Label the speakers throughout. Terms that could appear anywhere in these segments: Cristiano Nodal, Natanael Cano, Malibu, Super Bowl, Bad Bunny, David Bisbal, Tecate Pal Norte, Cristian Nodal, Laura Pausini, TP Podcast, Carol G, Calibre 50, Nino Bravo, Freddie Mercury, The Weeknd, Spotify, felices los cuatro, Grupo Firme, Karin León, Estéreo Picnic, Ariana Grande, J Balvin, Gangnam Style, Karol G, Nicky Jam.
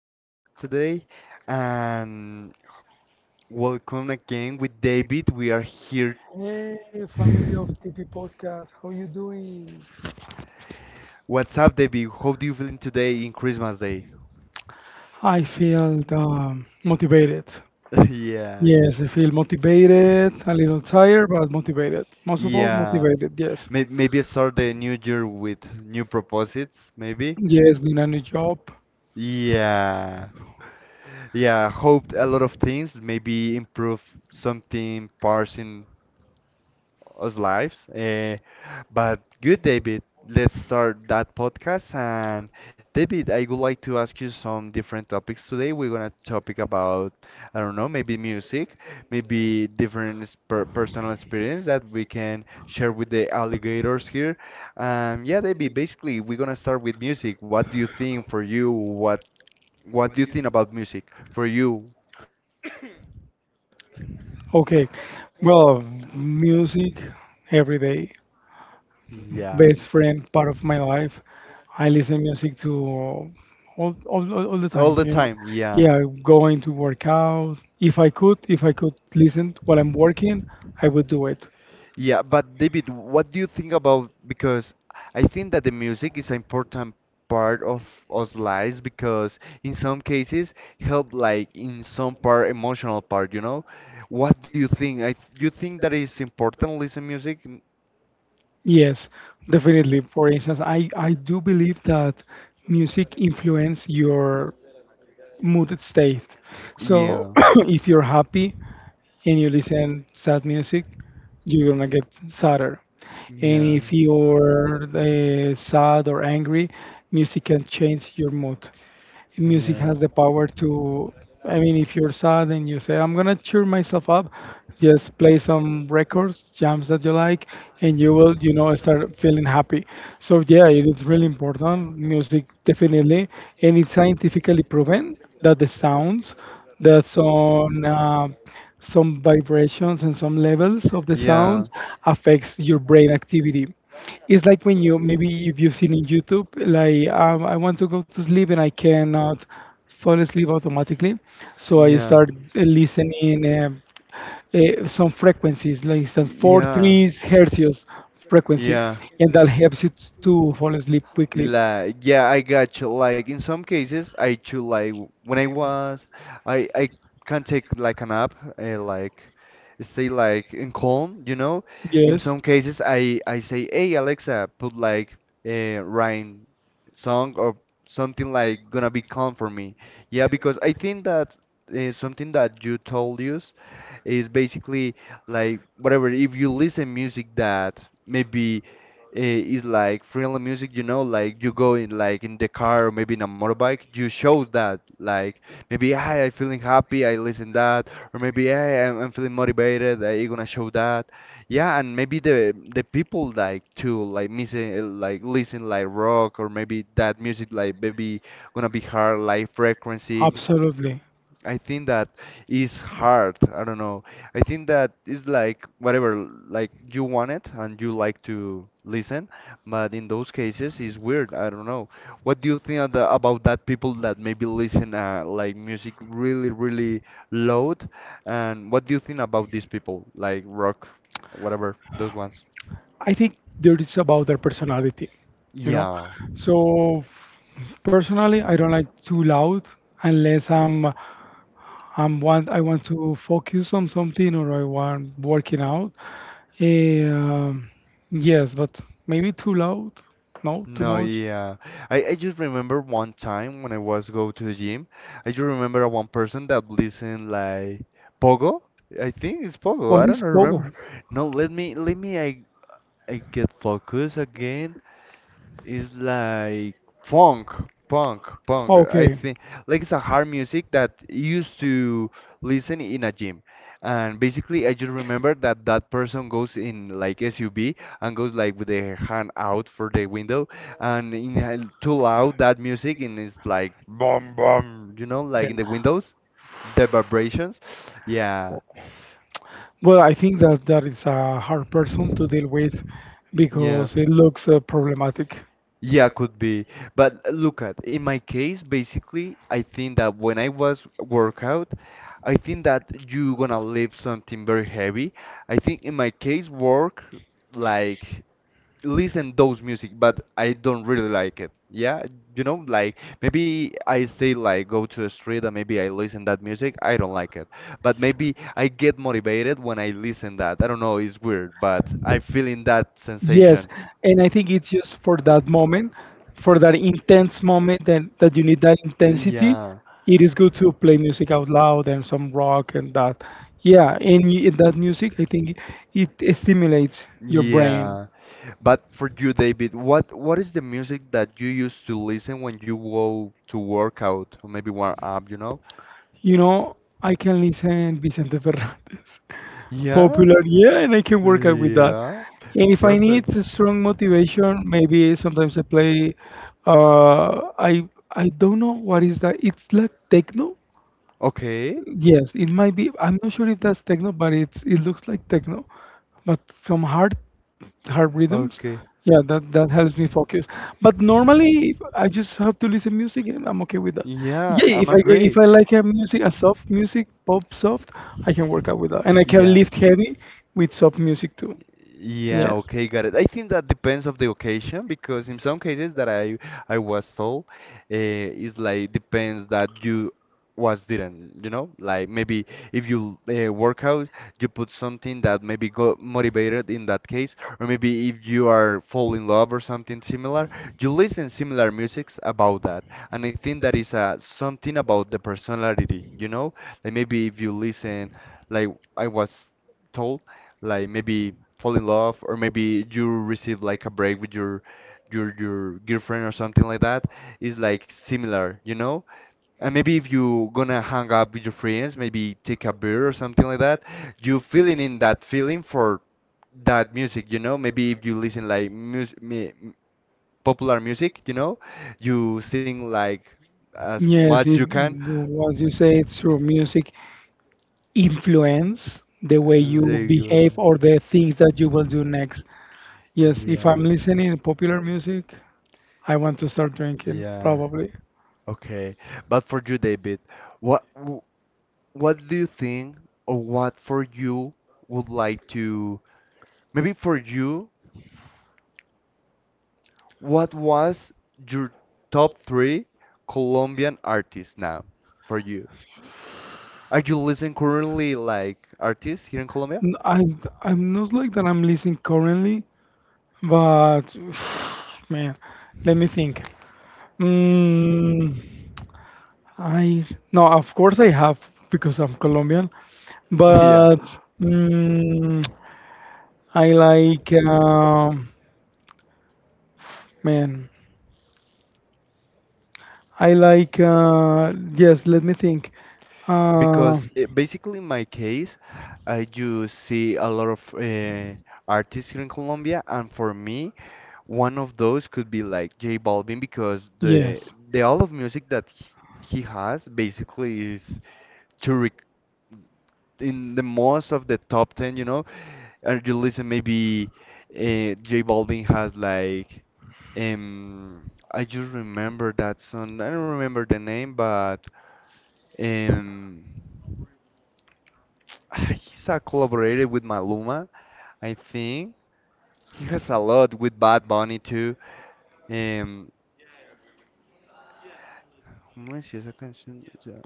Speaker 1: Podcast today, and welcome again with David. We are here.
Speaker 2: Here. Hey, family of TP Podcast, how you doing?
Speaker 1: What's up, David? How do you feeling today in Christmas Day?
Speaker 2: I feel motivated.
Speaker 1: Yeah,
Speaker 2: Yes, I feel motivated, a little tired, but motivated. Most of all, yeah,
Speaker 1: yeah.
Speaker 2: motivated, yes.
Speaker 1: Maybe start the new year with new proposits, maybe.
Speaker 2: Yes, been a new job.
Speaker 1: Yeah, yeah. Hoped a lot of things. Maybe improve something, parsing us lives. But good, David. Let's start that podcast. And David, I would like to ask you some different topics today. We're gonna topic about, I don't know, maybe music, maybe different per personal experience that we can share with the alligators here. Yeah, David. Basically, we're gonna start with music. What do you think for you? What do you think about music for you?
Speaker 2: Okay, well, music every day.
Speaker 1: Yeah,
Speaker 2: Best friend, part of my life. I listen music to all the all
Speaker 1: all
Speaker 2: time,
Speaker 1: the
Speaker 2: the you know.
Speaker 1: time.
Speaker 2: time.
Speaker 1: Yeah.
Speaker 2: Yeah, going to work out. If I could listen while I'm working, I would do it.
Speaker 1: Yeah, but David, what do you think about because I think that the music is an important part of us lives because in some cases help like in some part emotional part, you know? What do you think? You think that it's important listen music? N-
Speaker 2: Yes, definitely. For instance, I do believe that music influence your mood state. So
Speaker 1: Yeah.
Speaker 2: if you're happy and you listen sad music, you're gonna get sadder. And
Speaker 1: Yeah.
Speaker 2: if you're sad or angry, music can change your mood. Music
Speaker 1: Yeah.
Speaker 2: has the power to. I mean, if you're sad and you say, "I'm gonna cheer myself up," just play some records, jams that you like, and you will, you know, start feeling happy. So yeah, it is really important, music, definitely. And it's scientifically proven that the sounds, that some vibrations and some levels of the
Speaker 1: Yeah.
Speaker 2: sounds affects your brain activity. It's like when you, maybe if you've seen in YouTube, like I want to go to sleep and I cannot fall asleep automatically, so I
Speaker 1: Yeah.
Speaker 2: start listening some frequencies, like some four
Speaker 1: Yeah.
Speaker 2: threes hertzios frequency,
Speaker 1: Yeah.
Speaker 2: and that helps you to fall asleep quickly.
Speaker 1: Like, yeah, I got you. Like in some cases, I too like when I was, I can take like a nap, like stay like in calm, you know. In
Speaker 2: Yes.
Speaker 1: some cases, I say, hey Alexa, put like a rain song or something like gonna be calm for me. Yeah, because I think that something that you told us is basically like whatever. If you listen music that maybe is like friendly music, you know, like you go in like in the car or maybe in a motorbike, you show that like maybe hey, I'm feeling happy, I listen that, or maybe hey, I'm feeling motivated, I gonna show that. Yeah, and maybe the people like to like missing like listen like rock or maybe that music like maybe gonna be hard like frequency.
Speaker 2: Absolutely.
Speaker 1: I think that is hard. I don't know. I think that is like whatever, like you want it and you like to listen, but in those cases it's weird. I don't know. What do you think of about that people that maybe listen like music really, really loud? And what do you think about these people, like rock, whatever, those ones?
Speaker 2: I think there is about their personality, you know.
Speaker 1: Yeah.
Speaker 2: So personally, I don't like too loud unless I'm I'm want I want to focus on something or I want working out. Um yes, but maybe too loud, no, too
Speaker 1: No,
Speaker 2: much.
Speaker 1: yeah. I just remember one time when I was go to the gym, I just remember one person that listened like Pogo. I think it's Pogo.
Speaker 2: What
Speaker 1: I don't
Speaker 2: is pogo?
Speaker 1: remember. No, let me, I get focus again. It's like funk, punk. I
Speaker 2: Okay.
Speaker 1: think like it's a hard music that used to listen in a gym. And basically, I just remember that that person goes in like SUV and goes like with their hand out for the window and inhale too loud that music, and it's like boom boom, you know, like in
Speaker 2: Then.
Speaker 1: the windows, the vibrations, yeah,
Speaker 2: Well, I think that that is a hard person to deal with
Speaker 1: yeah.
Speaker 2: because it looks problematic.
Speaker 1: Yeah, could be. But look at, in my case, basically, I think that when I was workout, I think that you gonna lift something very heavy. I think in my case, work like listen those music, but I don't really like it, yeah. You know, like maybe I say like go to a street and maybe I listen that music, I don't like it, but maybe I get motivated when I listen that. I don't know, it's weird, but I feel in that sensation.
Speaker 2: Yes, and I think it's just for that moment, for that intense moment that, you need that intensity.
Speaker 1: Yeah,
Speaker 2: It is good to play music out loud and some rock and that. Yeah, and that music, I think it stimulates your brain.
Speaker 1: yeah, but for you, David, what is the music that you used to listen when you go to work out or maybe warm up, you know?
Speaker 2: You know, I can listen Vicente Fernández.
Speaker 1: Yeah,
Speaker 2: Popular, yeah, and I can work out with that.
Speaker 1: yeah,
Speaker 2: And if I
Speaker 1: perfect.
Speaker 2: need a strong motivation, maybe sometimes I play. I don't know what is that. It's like techno.
Speaker 1: Okay,
Speaker 2: Yes, it might be. I'm not sure if that's techno, but it looks like techno, but some hard rhythms.
Speaker 1: okay.
Speaker 2: Yeah, that helps me focus. But normally, I just have to listen music, and I'm okay with that.
Speaker 1: Yeah,
Speaker 2: Yeah,
Speaker 1: I'm agree.
Speaker 2: if I like a music, a soft music, pop soft, I can work out with that, and I can
Speaker 1: Yeah.
Speaker 2: lift heavy with soft music too.
Speaker 1: Yeah,
Speaker 2: Yes.
Speaker 1: okay, got it. I think that depends of the occasion because in some cases that I was told, it's like depends that you was didn't, you know? Like maybe if you work out, you put something that maybe got motivated in that case, or maybe if you are fall in love or something similar, you listen similar musics about that. And I think that is something about the personality, you know? Like maybe if you listen, like I was told like maybe fall in love or maybe you receive like a break with your your girlfriend or something like that, is like similar, you know. And maybe if you gonna hang up with your friends, maybe take a beer or something like that, you feeling in that feeling for that music, you know. Maybe if you listen like popular music, you know, you sing like as
Speaker 2: Yes,
Speaker 1: much you
Speaker 2: it,
Speaker 1: can.
Speaker 2: what you say, it's true. Music influence the way you
Speaker 1: There you are.
Speaker 2: behave or the things that you will do next. Yes, if I'm
Speaker 1: Yeah.
Speaker 2: listening to popular music, I want to start drinking,
Speaker 1: Yeah.
Speaker 2: probably.
Speaker 1: Okay. But for you, David, what w- what do you think or what for you would like to maybe for you, what was your top three Colombian artists now for you? Are you listening currently like artists here in Colombia?
Speaker 2: N- I, I'm not like that I'm listening currently, but man, let me think. Mm, I, no, of course I have because I'm Colombian,
Speaker 1: Yeah.
Speaker 2: but mm, I like man, I like yes. Let me think. Uh,
Speaker 1: Because it, basically, in my case, I do see a lot of artists here in Colombia, and for me, one of those could be like J Balvin because the
Speaker 2: yes,
Speaker 1: the all of music that he has basically is to rec in the most of the top 10, you know, and you listen maybe J Balvin has like I just remember that song. I don't remember the name, but um he's collaborated with Maluma, I think. He has a lot with Bad Bunny too. Um, ¿Cómo decía esa canción? Ya.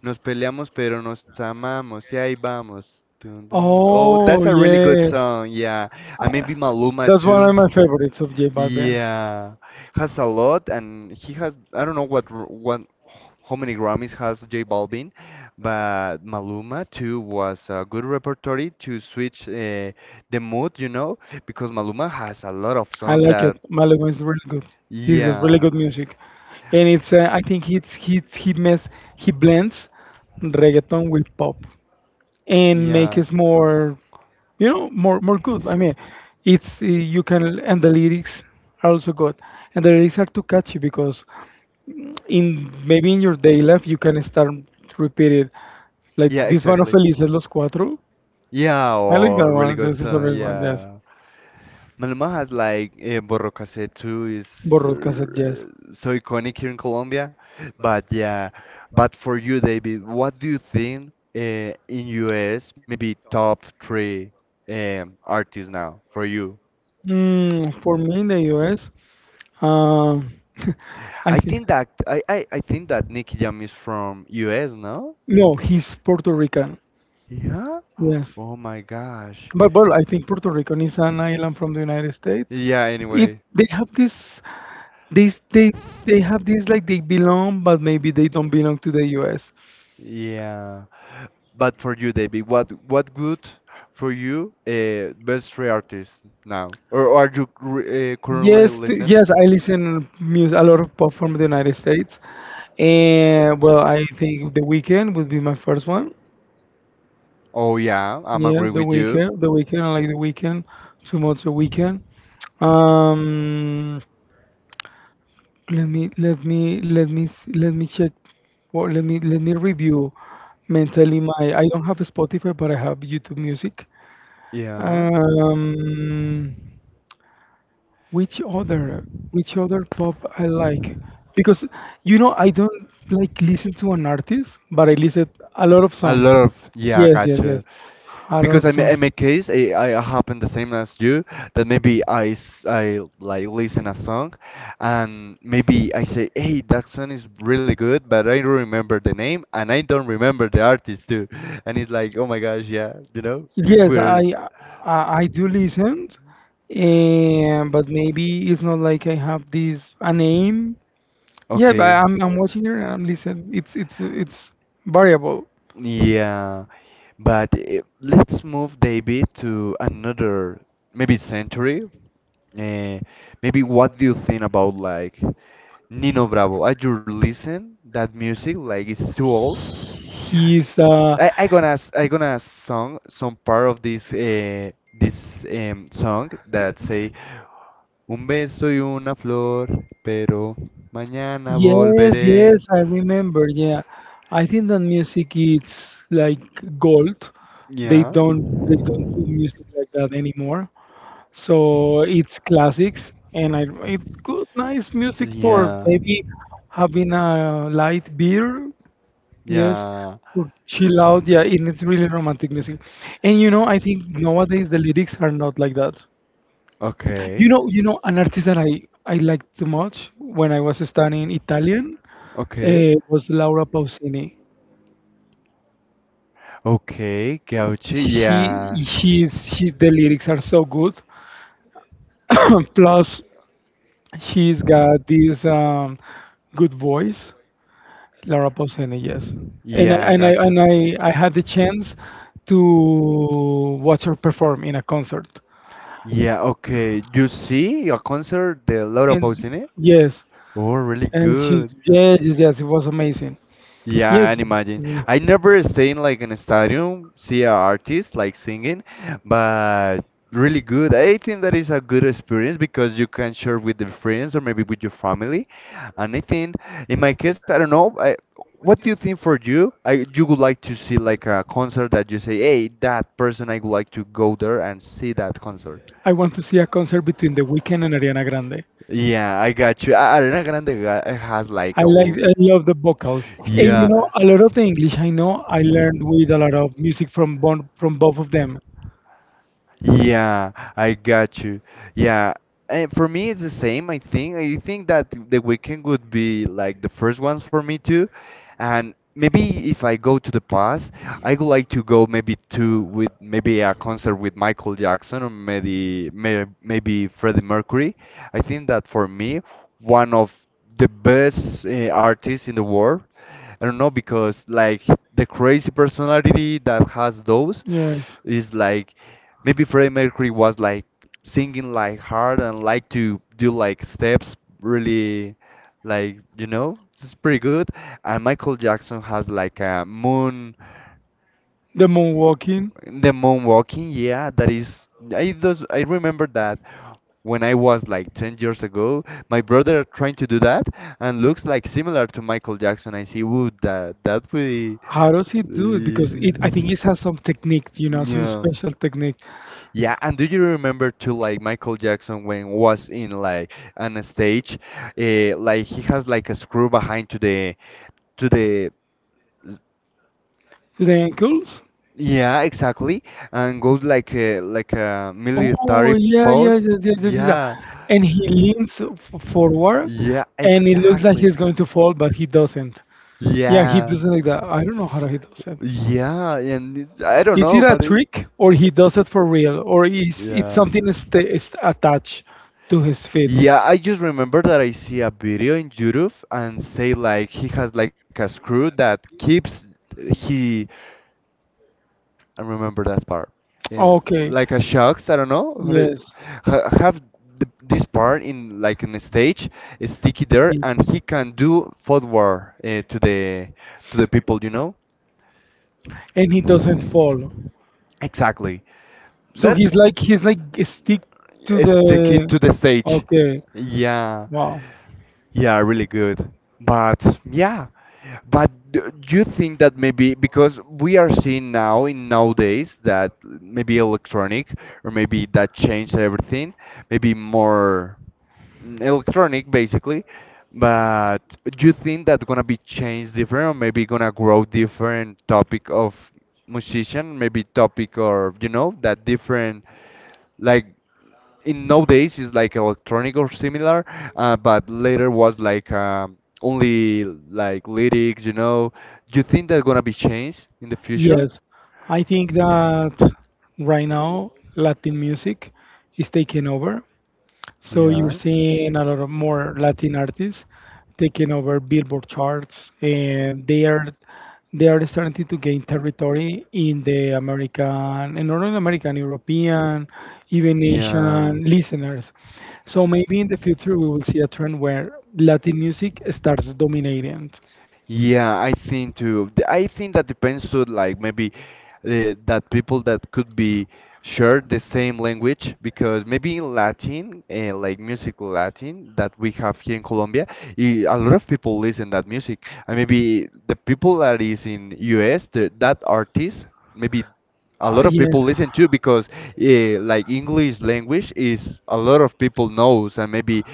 Speaker 1: Nos peleamos pero nos amamos. Y ahí vamos. Dun, dun. Oh, that's
Speaker 2: Oh,
Speaker 1: a really good
Speaker 2: yes.
Speaker 1: song. Yeah. And
Speaker 2: Uh,
Speaker 1: maybe Maluma
Speaker 2: that's one
Speaker 1: too.
Speaker 2: of my favorites of J Balvin.
Speaker 1: Yeah. Has a lot, and he has I don't know what how many Grammys has J Balvin, but Maluma too was a good repertory to switch the mood, you know, because Maluma has a lot of
Speaker 2: I
Speaker 1: songs
Speaker 2: like it.
Speaker 1: that
Speaker 2: Malibu is really good. He has really
Speaker 1: yeah.
Speaker 2: good music, and it's I think it's he mess he blends reggaeton with pop and makes
Speaker 1: Yeah.
Speaker 2: it more, you know, more good. I mean, it's you can, and the lyrics are also good, and the lyrics are too catchy because in, maybe in your day life, you can start to repeat it, like,
Speaker 1: Yeah,
Speaker 2: yeah, this one of
Speaker 1: exactly.
Speaker 2: felices los cuatro.
Speaker 1: Yeah,
Speaker 2: I like
Speaker 1: or
Speaker 2: that
Speaker 1: really
Speaker 2: one.
Speaker 1: good
Speaker 2: This is a
Speaker 1: song.
Speaker 2: real one. Yes,
Speaker 1: Yeah, Maluma has like Borro Cassette too is
Speaker 2: borrowed cassette, yes.
Speaker 1: uh, so iconic here in Colombia. But yeah, but for you, David, what do you think in US maybe top three artists now for you?
Speaker 2: For me in the US, um I
Speaker 1: I
Speaker 2: think.
Speaker 1: think that I think that Nicky Jam is from US, no?
Speaker 2: No, he's Puerto Rican,
Speaker 1: Yeah.
Speaker 2: yes.
Speaker 1: Oh my gosh.
Speaker 2: But, well, I think Puerto Rican is an island from the United States.
Speaker 1: Yeah.
Speaker 2: It
Speaker 1: Anyway.
Speaker 2: they have this, this They have this like they belong, but maybe they don't belong to the U.S.
Speaker 1: Yeah. But for you, David, what good for you best three artists now? Or are you currently listen?
Speaker 2: Yes, I listen music a lot of pop from the United States, and well, I think The weekend would be my first one.
Speaker 1: Oh yeah, I'm
Speaker 2: Yeah,
Speaker 1: agree
Speaker 2: the
Speaker 1: with you.
Speaker 2: weekend, the weekend. I like the weekend. Too much a weekend. Um, Let me check. Well, let me review mentally my. I don't have Spotify, but I have YouTube Music.
Speaker 1: Yeah.
Speaker 2: Um, which other pop I like? Because, you know, I don't like listen to an artist, but I listen a lot of
Speaker 1: A
Speaker 2: songs.
Speaker 1: lot of yeah,
Speaker 2: Yes, yes,
Speaker 1: gotcha.
Speaker 2: yes, a
Speaker 1: Because
Speaker 2: lot of
Speaker 1: I
Speaker 2: songs.
Speaker 1: make case I happen the same as you that maybe I, like listen a song, and maybe I say hey that song is really good, but I don't remember the name, and I don't remember the artist too, and it's like oh my gosh, yeah, you know, it's
Speaker 2: Yes,
Speaker 1: weird.
Speaker 2: I I do listen, and but maybe it's not like I have this a name. Yeah, but
Speaker 1: Okay,
Speaker 2: I'm watching her and I'm listening. It's variable.
Speaker 1: yeah, but let's move David to another maybe century. uh, Maybe what do you think about like Nino Bravo? I just listen that music like it's too old.
Speaker 2: He's
Speaker 1: I gonna song some part of this this song that say un beso y una flor, pero mañana
Speaker 2: yes,
Speaker 1: volveré.
Speaker 2: yes, I remember. Yeah, I think that music is like gold. They
Speaker 1: Yeah.
Speaker 2: don't they don't do music like that anymore. So it's classics, and I, it's good, nice music for
Speaker 1: Yeah.
Speaker 2: maybe having a light beer. Yes,
Speaker 1: Yeah.
Speaker 2: to chill out. Yeah, and it's really romantic music. And you know, I think nowadays the lyrics are not like that.
Speaker 1: Okay.
Speaker 2: You know, an artist that I liked too much when I was studying Italian
Speaker 1: Okay.
Speaker 2: was Laura Pausini.
Speaker 1: Okay, Gauchi. Yeah.
Speaker 2: She she's she The lyrics are so good. Plus, she's got this good voice, Laura Pausini. Yes, and I,
Speaker 1: Yeah,
Speaker 2: and I
Speaker 1: gotcha.
Speaker 2: and I I had the chance to watch her perform in a concert.
Speaker 1: Yeah, okay. You see a concert, the Laura
Speaker 2: And
Speaker 1: Pausini?
Speaker 2: yes,
Speaker 1: Oh, really
Speaker 2: and she's,
Speaker 1: good.
Speaker 2: yes, yes, yes. It was amazing.
Speaker 1: Yeah, I
Speaker 2: Yes,
Speaker 1: can
Speaker 2: she's,
Speaker 1: imagine. I never seen like in a stadium, see an artist like singing, but really good. I think that is a good experience because you can share with the friends or maybe with your family. And I think in my case, I don't know. What do you think for you? I You would like to see like a concert that you say, hey, that person I would like to go there and see that concert.
Speaker 2: I want to see a concert between The Weeknd and Ariana Grande.
Speaker 1: Yeah, I got you. Ariana Grande has like
Speaker 2: I like,
Speaker 1: all.
Speaker 2: I love the vocals, and, you
Speaker 1: Yeah.
Speaker 2: know, a lot of the English I know I learned with a lot of music from both of them.
Speaker 1: Yeah, I got you. Yeah, and for me it's the same. I think that The Weekend would be like the first ones for me too, and maybe if I go to the past, I would like to go maybe to with maybe a concert with Michael Jackson or maybe maybe Freddie Mercury. I think that for me one of the best artists in the world. I don't know because like the crazy personality that has those.
Speaker 2: Yes.
Speaker 1: It's like maybe Freddie Mercury was like singing like hard and like to do like steps really like, you know, it's pretty good. And Michael Jackson has like a moon,
Speaker 2: The moonwalking,
Speaker 1: the moon walking, yeah, that is I those I remember that when I was like 10 years ago my brother trying to do that and looks like similar to Michael Jackson I see would that that would be
Speaker 2: how does he do it? Because it, I think it has some technique, you know, some
Speaker 1: yeah.
Speaker 2: special technique.
Speaker 1: Yeah, and do you remember too, like Michael Jackson when was in like on a stage, like he has like a screw behind to the
Speaker 2: The ankles?
Speaker 1: yeah exactly, and goes like a
Speaker 2: Oh,
Speaker 1: military
Speaker 2: yeah, yeah,
Speaker 1: pose.
Speaker 2: yeah, yeah, yeah, yeah. yeah.
Speaker 1: Yeah,
Speaker 2: And he leans forward,
Speaker 1: yeah,
Speaker 2: yeah, and it looks like
Speaker 1: exactly.
Speaker 2: he's going to fall, but he doesn't. Yeah, he
Speaker 1: Yeah,
Speaker 2: does it like that. I don't know how he does it. Is
Speaker 1: yeah, and it- I don't know,
Speaker 2: it a
Speaker 1: but it,
Speaker 2: trick, or he does it for real, or is it
Speaker 1: yeah.
Speaker 2: something sta is attached to his feet?
Speaker 1: Yeah, I just remember that I see a video in YouTube and say like he has like a screw that keeps he I remember that part. Yeah,
Speaker 2: Okay.
Speaker 1: like a shocks, I don't know.
Speaker 2: Yes.
Speaker 1: Ha have th this part in like in a stage is sticky there
Speaker 2: He-
Speaker 1: and he can do forward to the people, you know?
Speaker 2: And he doesn't
Speaker 1: Mm.
Speaker 2: fall.
Speaker 1: Exactly.
Speaker 2: So
Speaker 1: That's
Speaker 2: he's like stick to
Speaker 1: it's the kid
Speaker 2: the.
Speaker 1: to the stage.
Speaker 2: Okay.
Speaker 1: Yeah,
Speaker 2: Wow.
Speaker 1: yeah, really good. But yeah, but do you think that maybe because we are seeing now in nowadays that maybe electronic or maybe that changed everything, maybe more electronic basically but do you think that gonna be changed different or maybe gonna grow different topic of musician maybe topic or you know that different like in nowadays is like electronic or similar but later was like only like lyrics, you know, do you think that gonna be changed in the future?
Speaker 2: Yes, I think that right now Latin music is taking over. So you're
Speaker 1: Yeah.
Speaker 2: seeing a lot of more Latin artists taking over Billboard charts, and they are starting to gain territory in the American, in Northern American, European, even
Speaker 1: Yeah.
Speaker 2: Asian listeners. So maybe in the future we will see a trend where Latin music starts dominating.
Speaker 1: Listeners. Yeah, I think too. I think that depends to like maybe that people that could be share the same language, because maybe in Latin, like music Latin that we have here in Colombia, a lot of people listen that music, and maybe the people that is in US, the, that artist, maybe. A lot of people
Speaker 2: Yes.
Speaker 1: listen to because eh, like English language is a lot of people knows, and maybe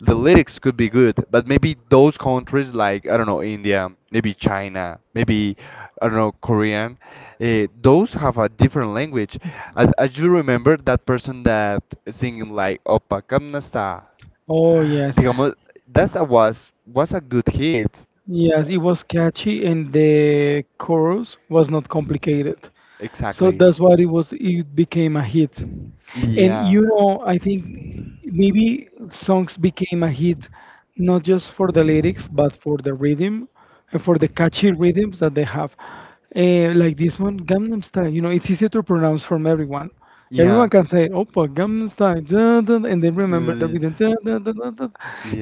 Speaker 1: the lyrics could be good, but maybe those countries like I don't know India, maybe China, maybe I don't know Korean, those have a different language. As you remember that person that singing like Opa Kamnasta,
Speaker 2: Oh, yes.
Speaker 1: digamos, that's a was a good hit.
Speaker 2: Yes,
Speaker 1: Uh,
Speaker 2: it was catchy and the chorus was not complicated. So
Speaker 1: Exactly.
Speaker 2: that's why it became a hit. And
Speaker 1: Yeah.
Speaker 2: you know, I think maybe songs became a hit not just for the lyrics, but for the rhythm and for the catchy rhythms that they have. Eh, like this one, Gangnam Style. You know, it's easy to pronounce from everyone. Everyone
Speaker 1: Yeah.
Speaker 2: can say, "Opa, Gangnam Style," dun, dun, and then remember the
Speaker 1: Uh,
Speaker 2: rhythm. Dun, dun, dun, dun, dun,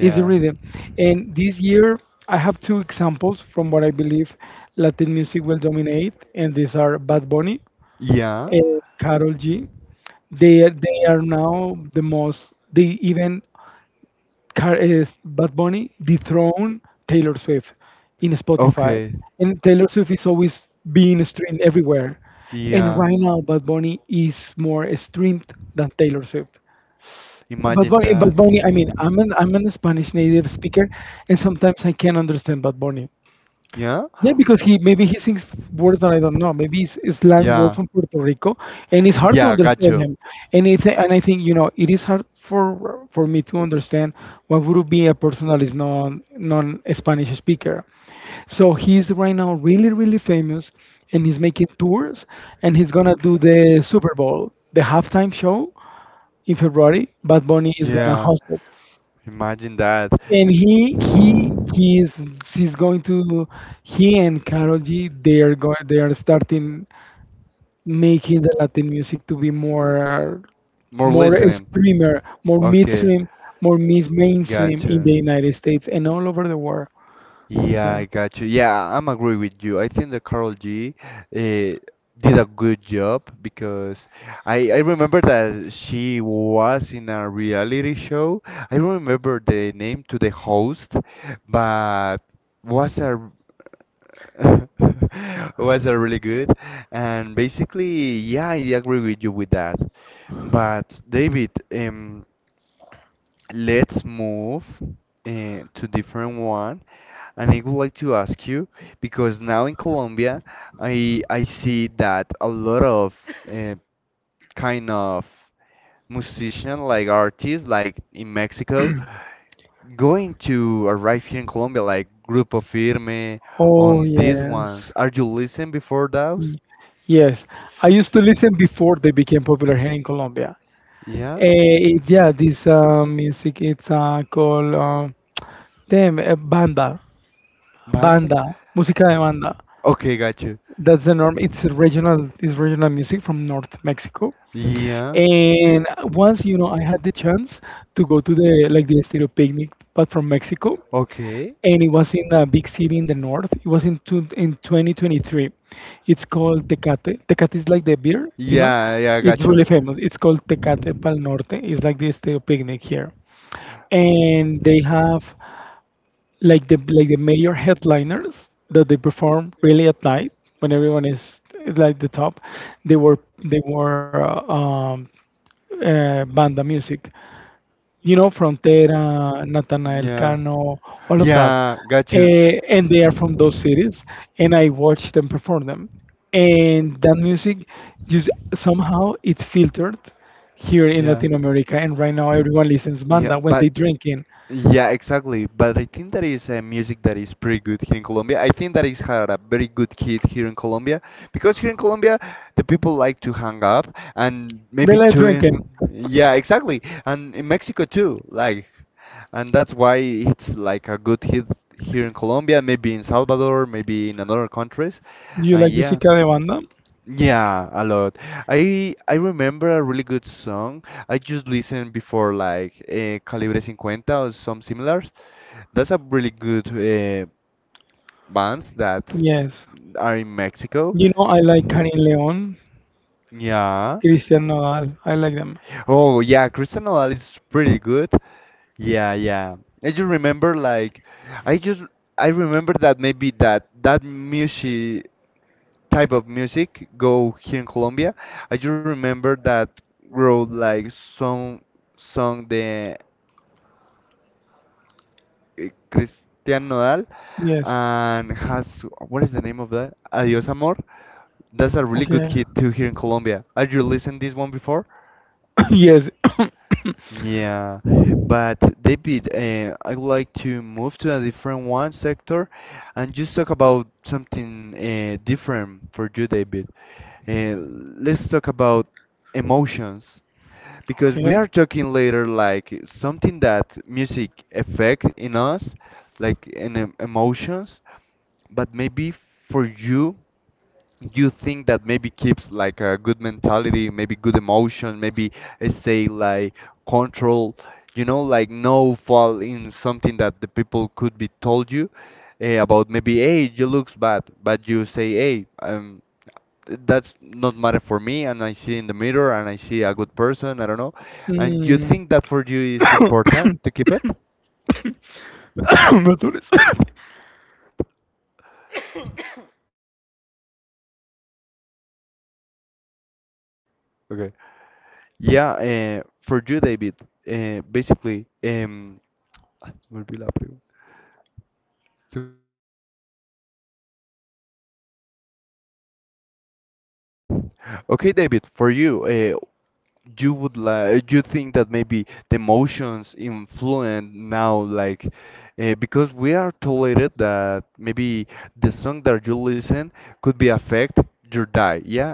Speaker 2: is the rhythm. And this year, I have two examples from what I believe Latin music will dominate, and these are Bad Bunny
Speaker 1: Yeah.
Speaker 2: and Karol G. They are now the most. They even car is Bad Bunny dethroned Taylor Swift in Spotify,
Speaker 1: Okay.
Speaker 2: and Taylor Swift is always being streamed everywhere. And
Speaker 1: Yeah.
Speaker 2: right now, Bad Bunny is more streamed than Taylor Swift.
Speaker 1: Imagine that.
Speaker 2: Bad Bunny. I mean, I'm an Spanish native speaker, and sometimes I can't understand Bad Bunny.
Speaker 1: Yeah.
Speaker 2: Yeah, because he, maybe he sings words that I don't know. Maybe it's slang words
Speaker 1: Yeah.
Speaker 2: from Puerto Rico, and it's hard to
Speaker 1: Yeah.
Speaker 2: understand
Speaker 1: Gotcha.
Speaker 2: him. And I think, you know, it is hard for me to understand what would be a person that is non Spanish speaker. So he's right now really famous, and he's making tours, and he's gonna do the Super Bowl, the halftime show in February. Bad Bunny is gonna
Speaker 1: Yeah,
Speaker 2: host it,
Speaker 1: imagine that.
Speaker 2: and he is she's going to he and Carol G, they are going, they are starting making the Latin music to be more
Speaker 1: More
Speaker 2: more streamer
Speaker 1: listening.
Speaker 2: more
Speaker 1: Okay,
Speaker 2: midstream more mid mainstream in
Speaker 1: gotcha.
Speaker 2: the United States and all over the world. Yeah.
Speaker 1: Yeah, I got you. Yeah, I'm agree with you. I think that Carol G eh, did a good job because I remember that she was in a reality show. I don't remember the name to the host, but was a was a really good. And basically, yeah, I agree with you with that. But David, let's move to different one. And I would like to ask you because now in Colombia, I see that a lot of uh, kind of musician like artists like in Mexico going to arrive here in Colombia like Grupo Firme
Speaker 2: Oh
Speaker 1: on these ones.
Speaker 2: yes,
Speaker 1: Are you listen before those?
Speaker 2: Y- yes. I used to listen before they became popular here in Colombia.
Speaker 1: Yeah.
Speaker 2: Yeah, this music it's called damn eh, banda,
Speaker 1: Band?
Speaker 2: banda, música de banda.
Speaker 1: Okay, got you.
Speaker 2: That's the norm. It's regional. It's regional music from North Mexico.
Speaker 1: Yeah.
Speaker 2: And once, you know, I had the chance to go to the, like, the Estéreo Picnic, but from Mexico,
Speaker 1: Okay.
Speaker 2: and it was in a big city in the north. It was in 2023. It's called Tecate. Tecate is like the beer, you know.
Speaker 1: Yeah, yeah, I
Speaker 2: It's
Speaker 1: got
Speaker 2: really
Speaker 1: you.
Speaker 2: famous. It's called Tecate Pal Norte. It's like the Estéreo Picnic here, and they have like the major headliners that they perform really at night when everyone is like the top they were banda music, you know, frontera, Natanael
Speaker 1: Yeah.
Speaker 2: Cano, all of that.
Speaker 1: Yeah, got you.
Speaker 2: And they are from those cities, and I watch them perform them, and that music just somehow it's filtered here in
Speaker 1: Yeah.
Speaker 2: Latin America, and right now everyone listens
Speaker 1: Yeah,
Speaker 2: banda when
Speaker 1: but
Speaker 2: they drinking.
Speaker 1: yeah, exactly. But I think that is a music that is pretty good here in Colombia. I think that is had a very good hit here in Colombia because here in Colombia the people like to hang up and
Speaker 2: They
Speaker 1: maybe
Speaker 2: like drinking.
Speaker 1: to yeah, exactly. And in Mexico too, like and that's why it's like a good hit here in Colombia, maybe in Salvador, maybe in another countries.
Speaker 2: You
Speaker 1: And
Speaker 2: like
Speaker 1: yeah.
Speaker 2: música de banda?
Speaker 1: Yeah, a lot. I remember a really good song. I just listened before like Calibre 50 or some similars. That's a really good bands that
Speaker 2: Yes.
Speaker 1: are in Mexico.
Speaker 2: You know, I like Karin León,
Speaker 1: Yeah.
Speaker 2: Cristian Nodal. I like them.
Speaker 1: Oh yeah, Cristiano Nodal is pretty good. Yeah, yeah. I just remember like I just I remember that maybe that music type of music go here in Colombia. I just remember that wrote like some song the eh, Christian Nodal
Speaker 2: Yes.
Speaker 1: and has what is the name of that? Adios Amor. That's a really good
Speaker 2: Okay.
Speaker 1: hit too here in Colombia. Have you listened this one before?
Speaker 2: Yes.
Speaker 1: Yeah, but David, I would like to move to a different one sector and just talk about something different for you, David. Uh, let's talk about emotions because we
Speaker 2: Okay.
Speaker 1: are talking later like something that music affect in us, like in emotions. But maybe for you, you think that maybe keeps like a good mentality, maybe good emotion, maybe say like control. You know, like no fall in something that the people could be told you eh, about maybe hey you looks bad but you say hey that's not matter for me and I see in the mirror and I see a good person, I don't know. And you
Speaker 2: Mm.
Speaker 1: think that for you is important to keep it?
Speaker 2: Betul
Speaker 1: Okay. Yeah, for you, David, basically, se me olvidó la pregunta. Okay, David, for you, you would like you think that maybe the emotions influence now like because we are tolerated that maybe the song that you listen could be affect your day, yeah,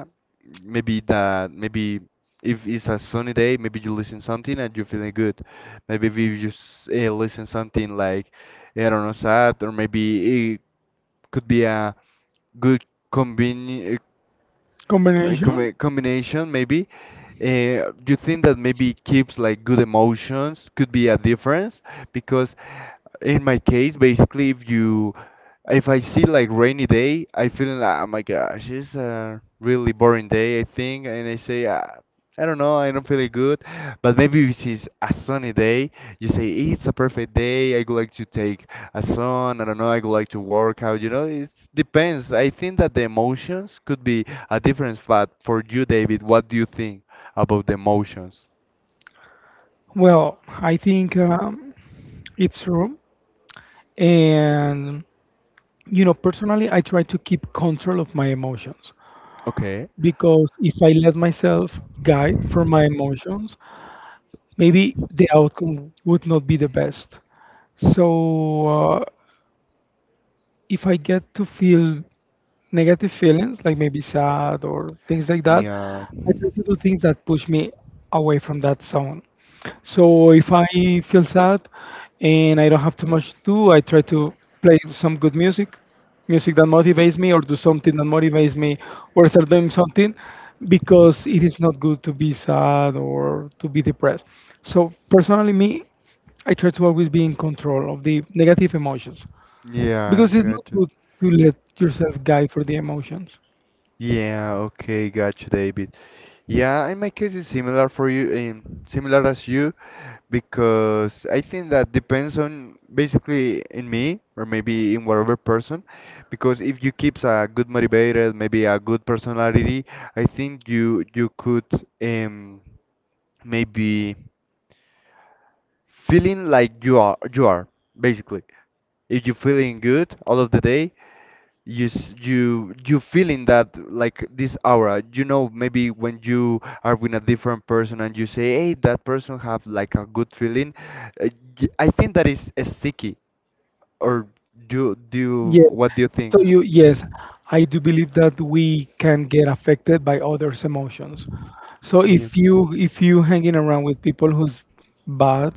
Speaker 1: maybe that maybe if it's a sunny day maybe you listen something and you're feeling good, maybe if you listen something like eh, I don't know sad or maybe it could be a good convenient in
Speaker 2: Combination.
Speaker 1: combination maybe do you think that maybe it keeps like good emotions could be a difference because in my case basically if you if I see like rainy day I feel like oh my gosh it's a really boring day I think and I say I don't know, I don't feel it good, but maybe if it's a sunny day, you say it's a perfect day. I would like to take a sun. I don't know. I would like to work out. You know, it depends. I think that the emotions could be a difference. But for you, David, what do you think about the emotions?
Speaker 2: Well, I think it's true, and you know, personally I try to keep control of my emotions,
Speaker 1: Okay.
Speaker 2: because if I let myself guide from my emotions, maybe the outcome would not be the best. So if I get to feel negative feelings, like maybe sad or things like that,
Speaker 1: Yeah.
Speaker 2: I try to do things that push me away from that zone. So if I feel sad and I don't have too much to do, I try to play some good music, music that motivates me, or do something that motivates me, or start doing something, because it is not good to be sad or to be depressed. So personally, me, I try to always be in control of the negative emotions,
Speaker 1: Yeah,
Speaker 2: because it's not
Speaker 1: gotcha.
Speaker 2: good to let yourself guide for the emotions.
Speaker 1: Yeah, okay, got you, David. Yeah, in my case it's similar for you, similar as you, because I think that depends on basically in me or maybe in whatever person, because if you keeps a good motivated, maybe a good personality, I think you could um maybe feeling like you are basically. If you're feeling good all of the day, you you feeling that like this aura, you know, maybe when you are with a different person and you say hey that person have like a good feeling uh, I think that is sticky or do you,
Speaker 2: Yes.
Speaker 1: what do you think?
Speaker 2: So you yes, I do believe that we can get affected by others' emotions. So
Speaker 1: Yeah.
Speaker 2: if you hanging around with people who's bad,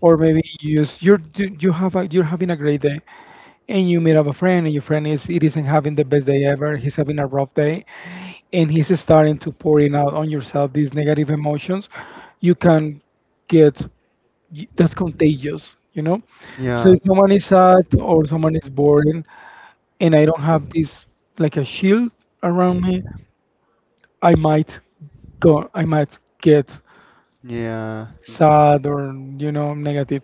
Speaker 2: or maybe you just you have a, you're having a great day, and you meet up a friend, and your friend is it isn't having the best day ever. He's having a rough day, and he's starting to pouring out on yourself these negative emotions. You can get y- that's contagious, you know? So
Speaker 1: Yeah.
Speaker 2: if someone is sad or someone is boring and I don't have this like a shield around me, I might go I might get
Speaker 1: Yeah.
Speaker 2: sad or, you know, negative.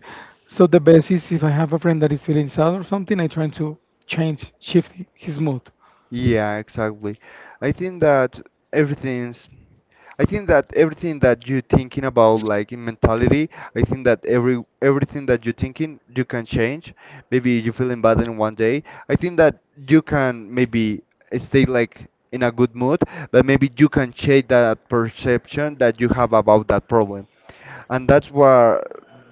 Speaker 2: So the best is if I have a friend that is feeling sad or something, I try to change shift his mood.
Speaker 1: Yeah, exactly. I think that everything's I think that everything that you're thinking about, like in mentality, I think that everything that you're thinking, you can change. Maybe you're feeling bad in one day. I think that you can maybe stay like in a good mood, but maybe you can change that perception that you have about that problem, and that's what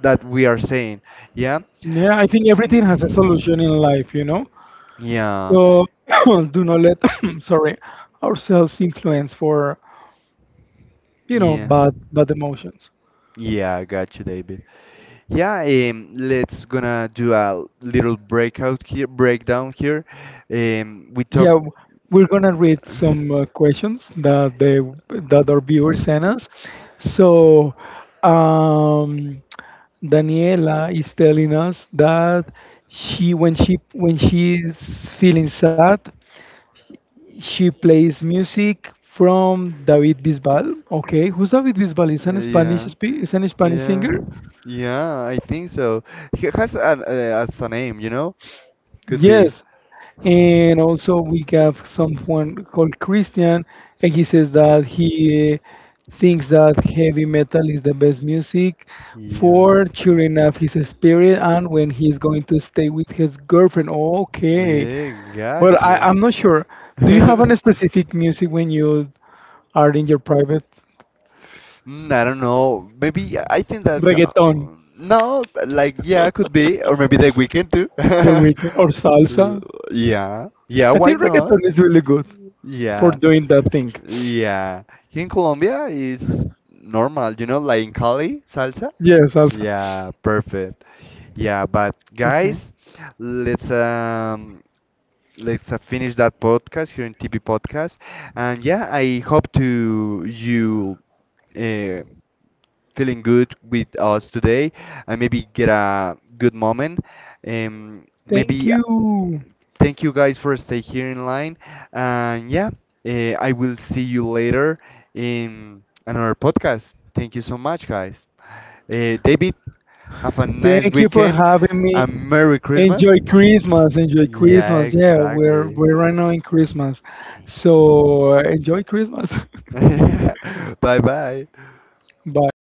Speaker 1: that we are saying. Yeah.
Speaker 2: Yeah, I think everything has a
Speaker 1: Mm.
Speaker 2: solution in life, you know.
Speaker 1: Yeah.
Speaker 2: So do not let sorry ourselves influence for you know
Speaker 1: Yeah.
Speaker 2: bad emotions.
Speaker 1: Yeah, I got you, David. Yeah, let's gonna do a little breakout here, breakdown here. We
Speaker 2: Yeah,
Speaker 1: top.
Speaker 2: w- we're gonna read some questions that they that our viewers sent us. So, um, Daniela is telling us that she when she is feeling sad, she plays music from David Bisbal. Okay, who's David Bisbal? Is an Spanish
Speaker 1: Yeah,
Speaker 2: spe- is an Spanish
Speaker 1: yeah,
Speaker 2: singer.
Speaker 1: yeah. I think so. He has a as a name, you know. Could be.
Speaker 2: Yes, and also we have someone called Christian, and he says that he thinks that heavy metal is the best music
Speaker 1: Yeah.
Speaker 2: for cheering up his spirit and when he's going to stay with his girlfriend. Okay,
Speaker 1: Yeah,
Speaker 2: but
Speaker 1: gotcha.
Speaker 2: I, I'm not sure. Do you have any specific music when you are in your private
Speaker 1: Mm, I don't know. Maybe I think that
Speaker 2: reggaeton,
Speaker 1: no, like yeah, could be, or maybe the weekend too.
Speaker 2: the weekend or
Speaker 1: Uh,
Speaker 2: salsa?
Speaker 1: yeah, yeah,
Speaker 2: I
Speaker 1: why
Speaker 2: think reggaeton
Speaker 1: not?
Speaker 2: is really good for
Speaker 1: Yeah,
Speaker 2: doing that thing.
Speaker 1: yeah. Here in Colombia is normal, you know, like in Cali, salsa.
Speaker 2: Yes, salsa.
Speaker 1: Yeah, perfect. Yeah, but
Speaker 2: Okay.
Speaker 1: guys, let's um let's finish that podcast here in TP Podcast. And yeah, I hope to you. Uh, feeling good with us today and maybe get a good moment.
Speaker 2: Thank
Speaker 1: Maybe
Speaker 2: you.
Speaker 1: thank you guys for stay here in line. And yeah, I will see you later in another podcast. Thank you so much, guys. David, have a nice
Speaker 2: Thank you for
Speaker 1: weekend
Speaker 2: having me.
Speaker 1: and Merry Christmas.
Speaker 2: Enjoy Christmas. Enjoy
Speaker 1: Yeah,
Speaker 2: Christmas. Yeah, we're
Speaker 1: exactly.
Speaker 2: we're right now in Christmas. So enjoy Christmas.
Speaker 1: Bye bye.
Speaker 2: Bye.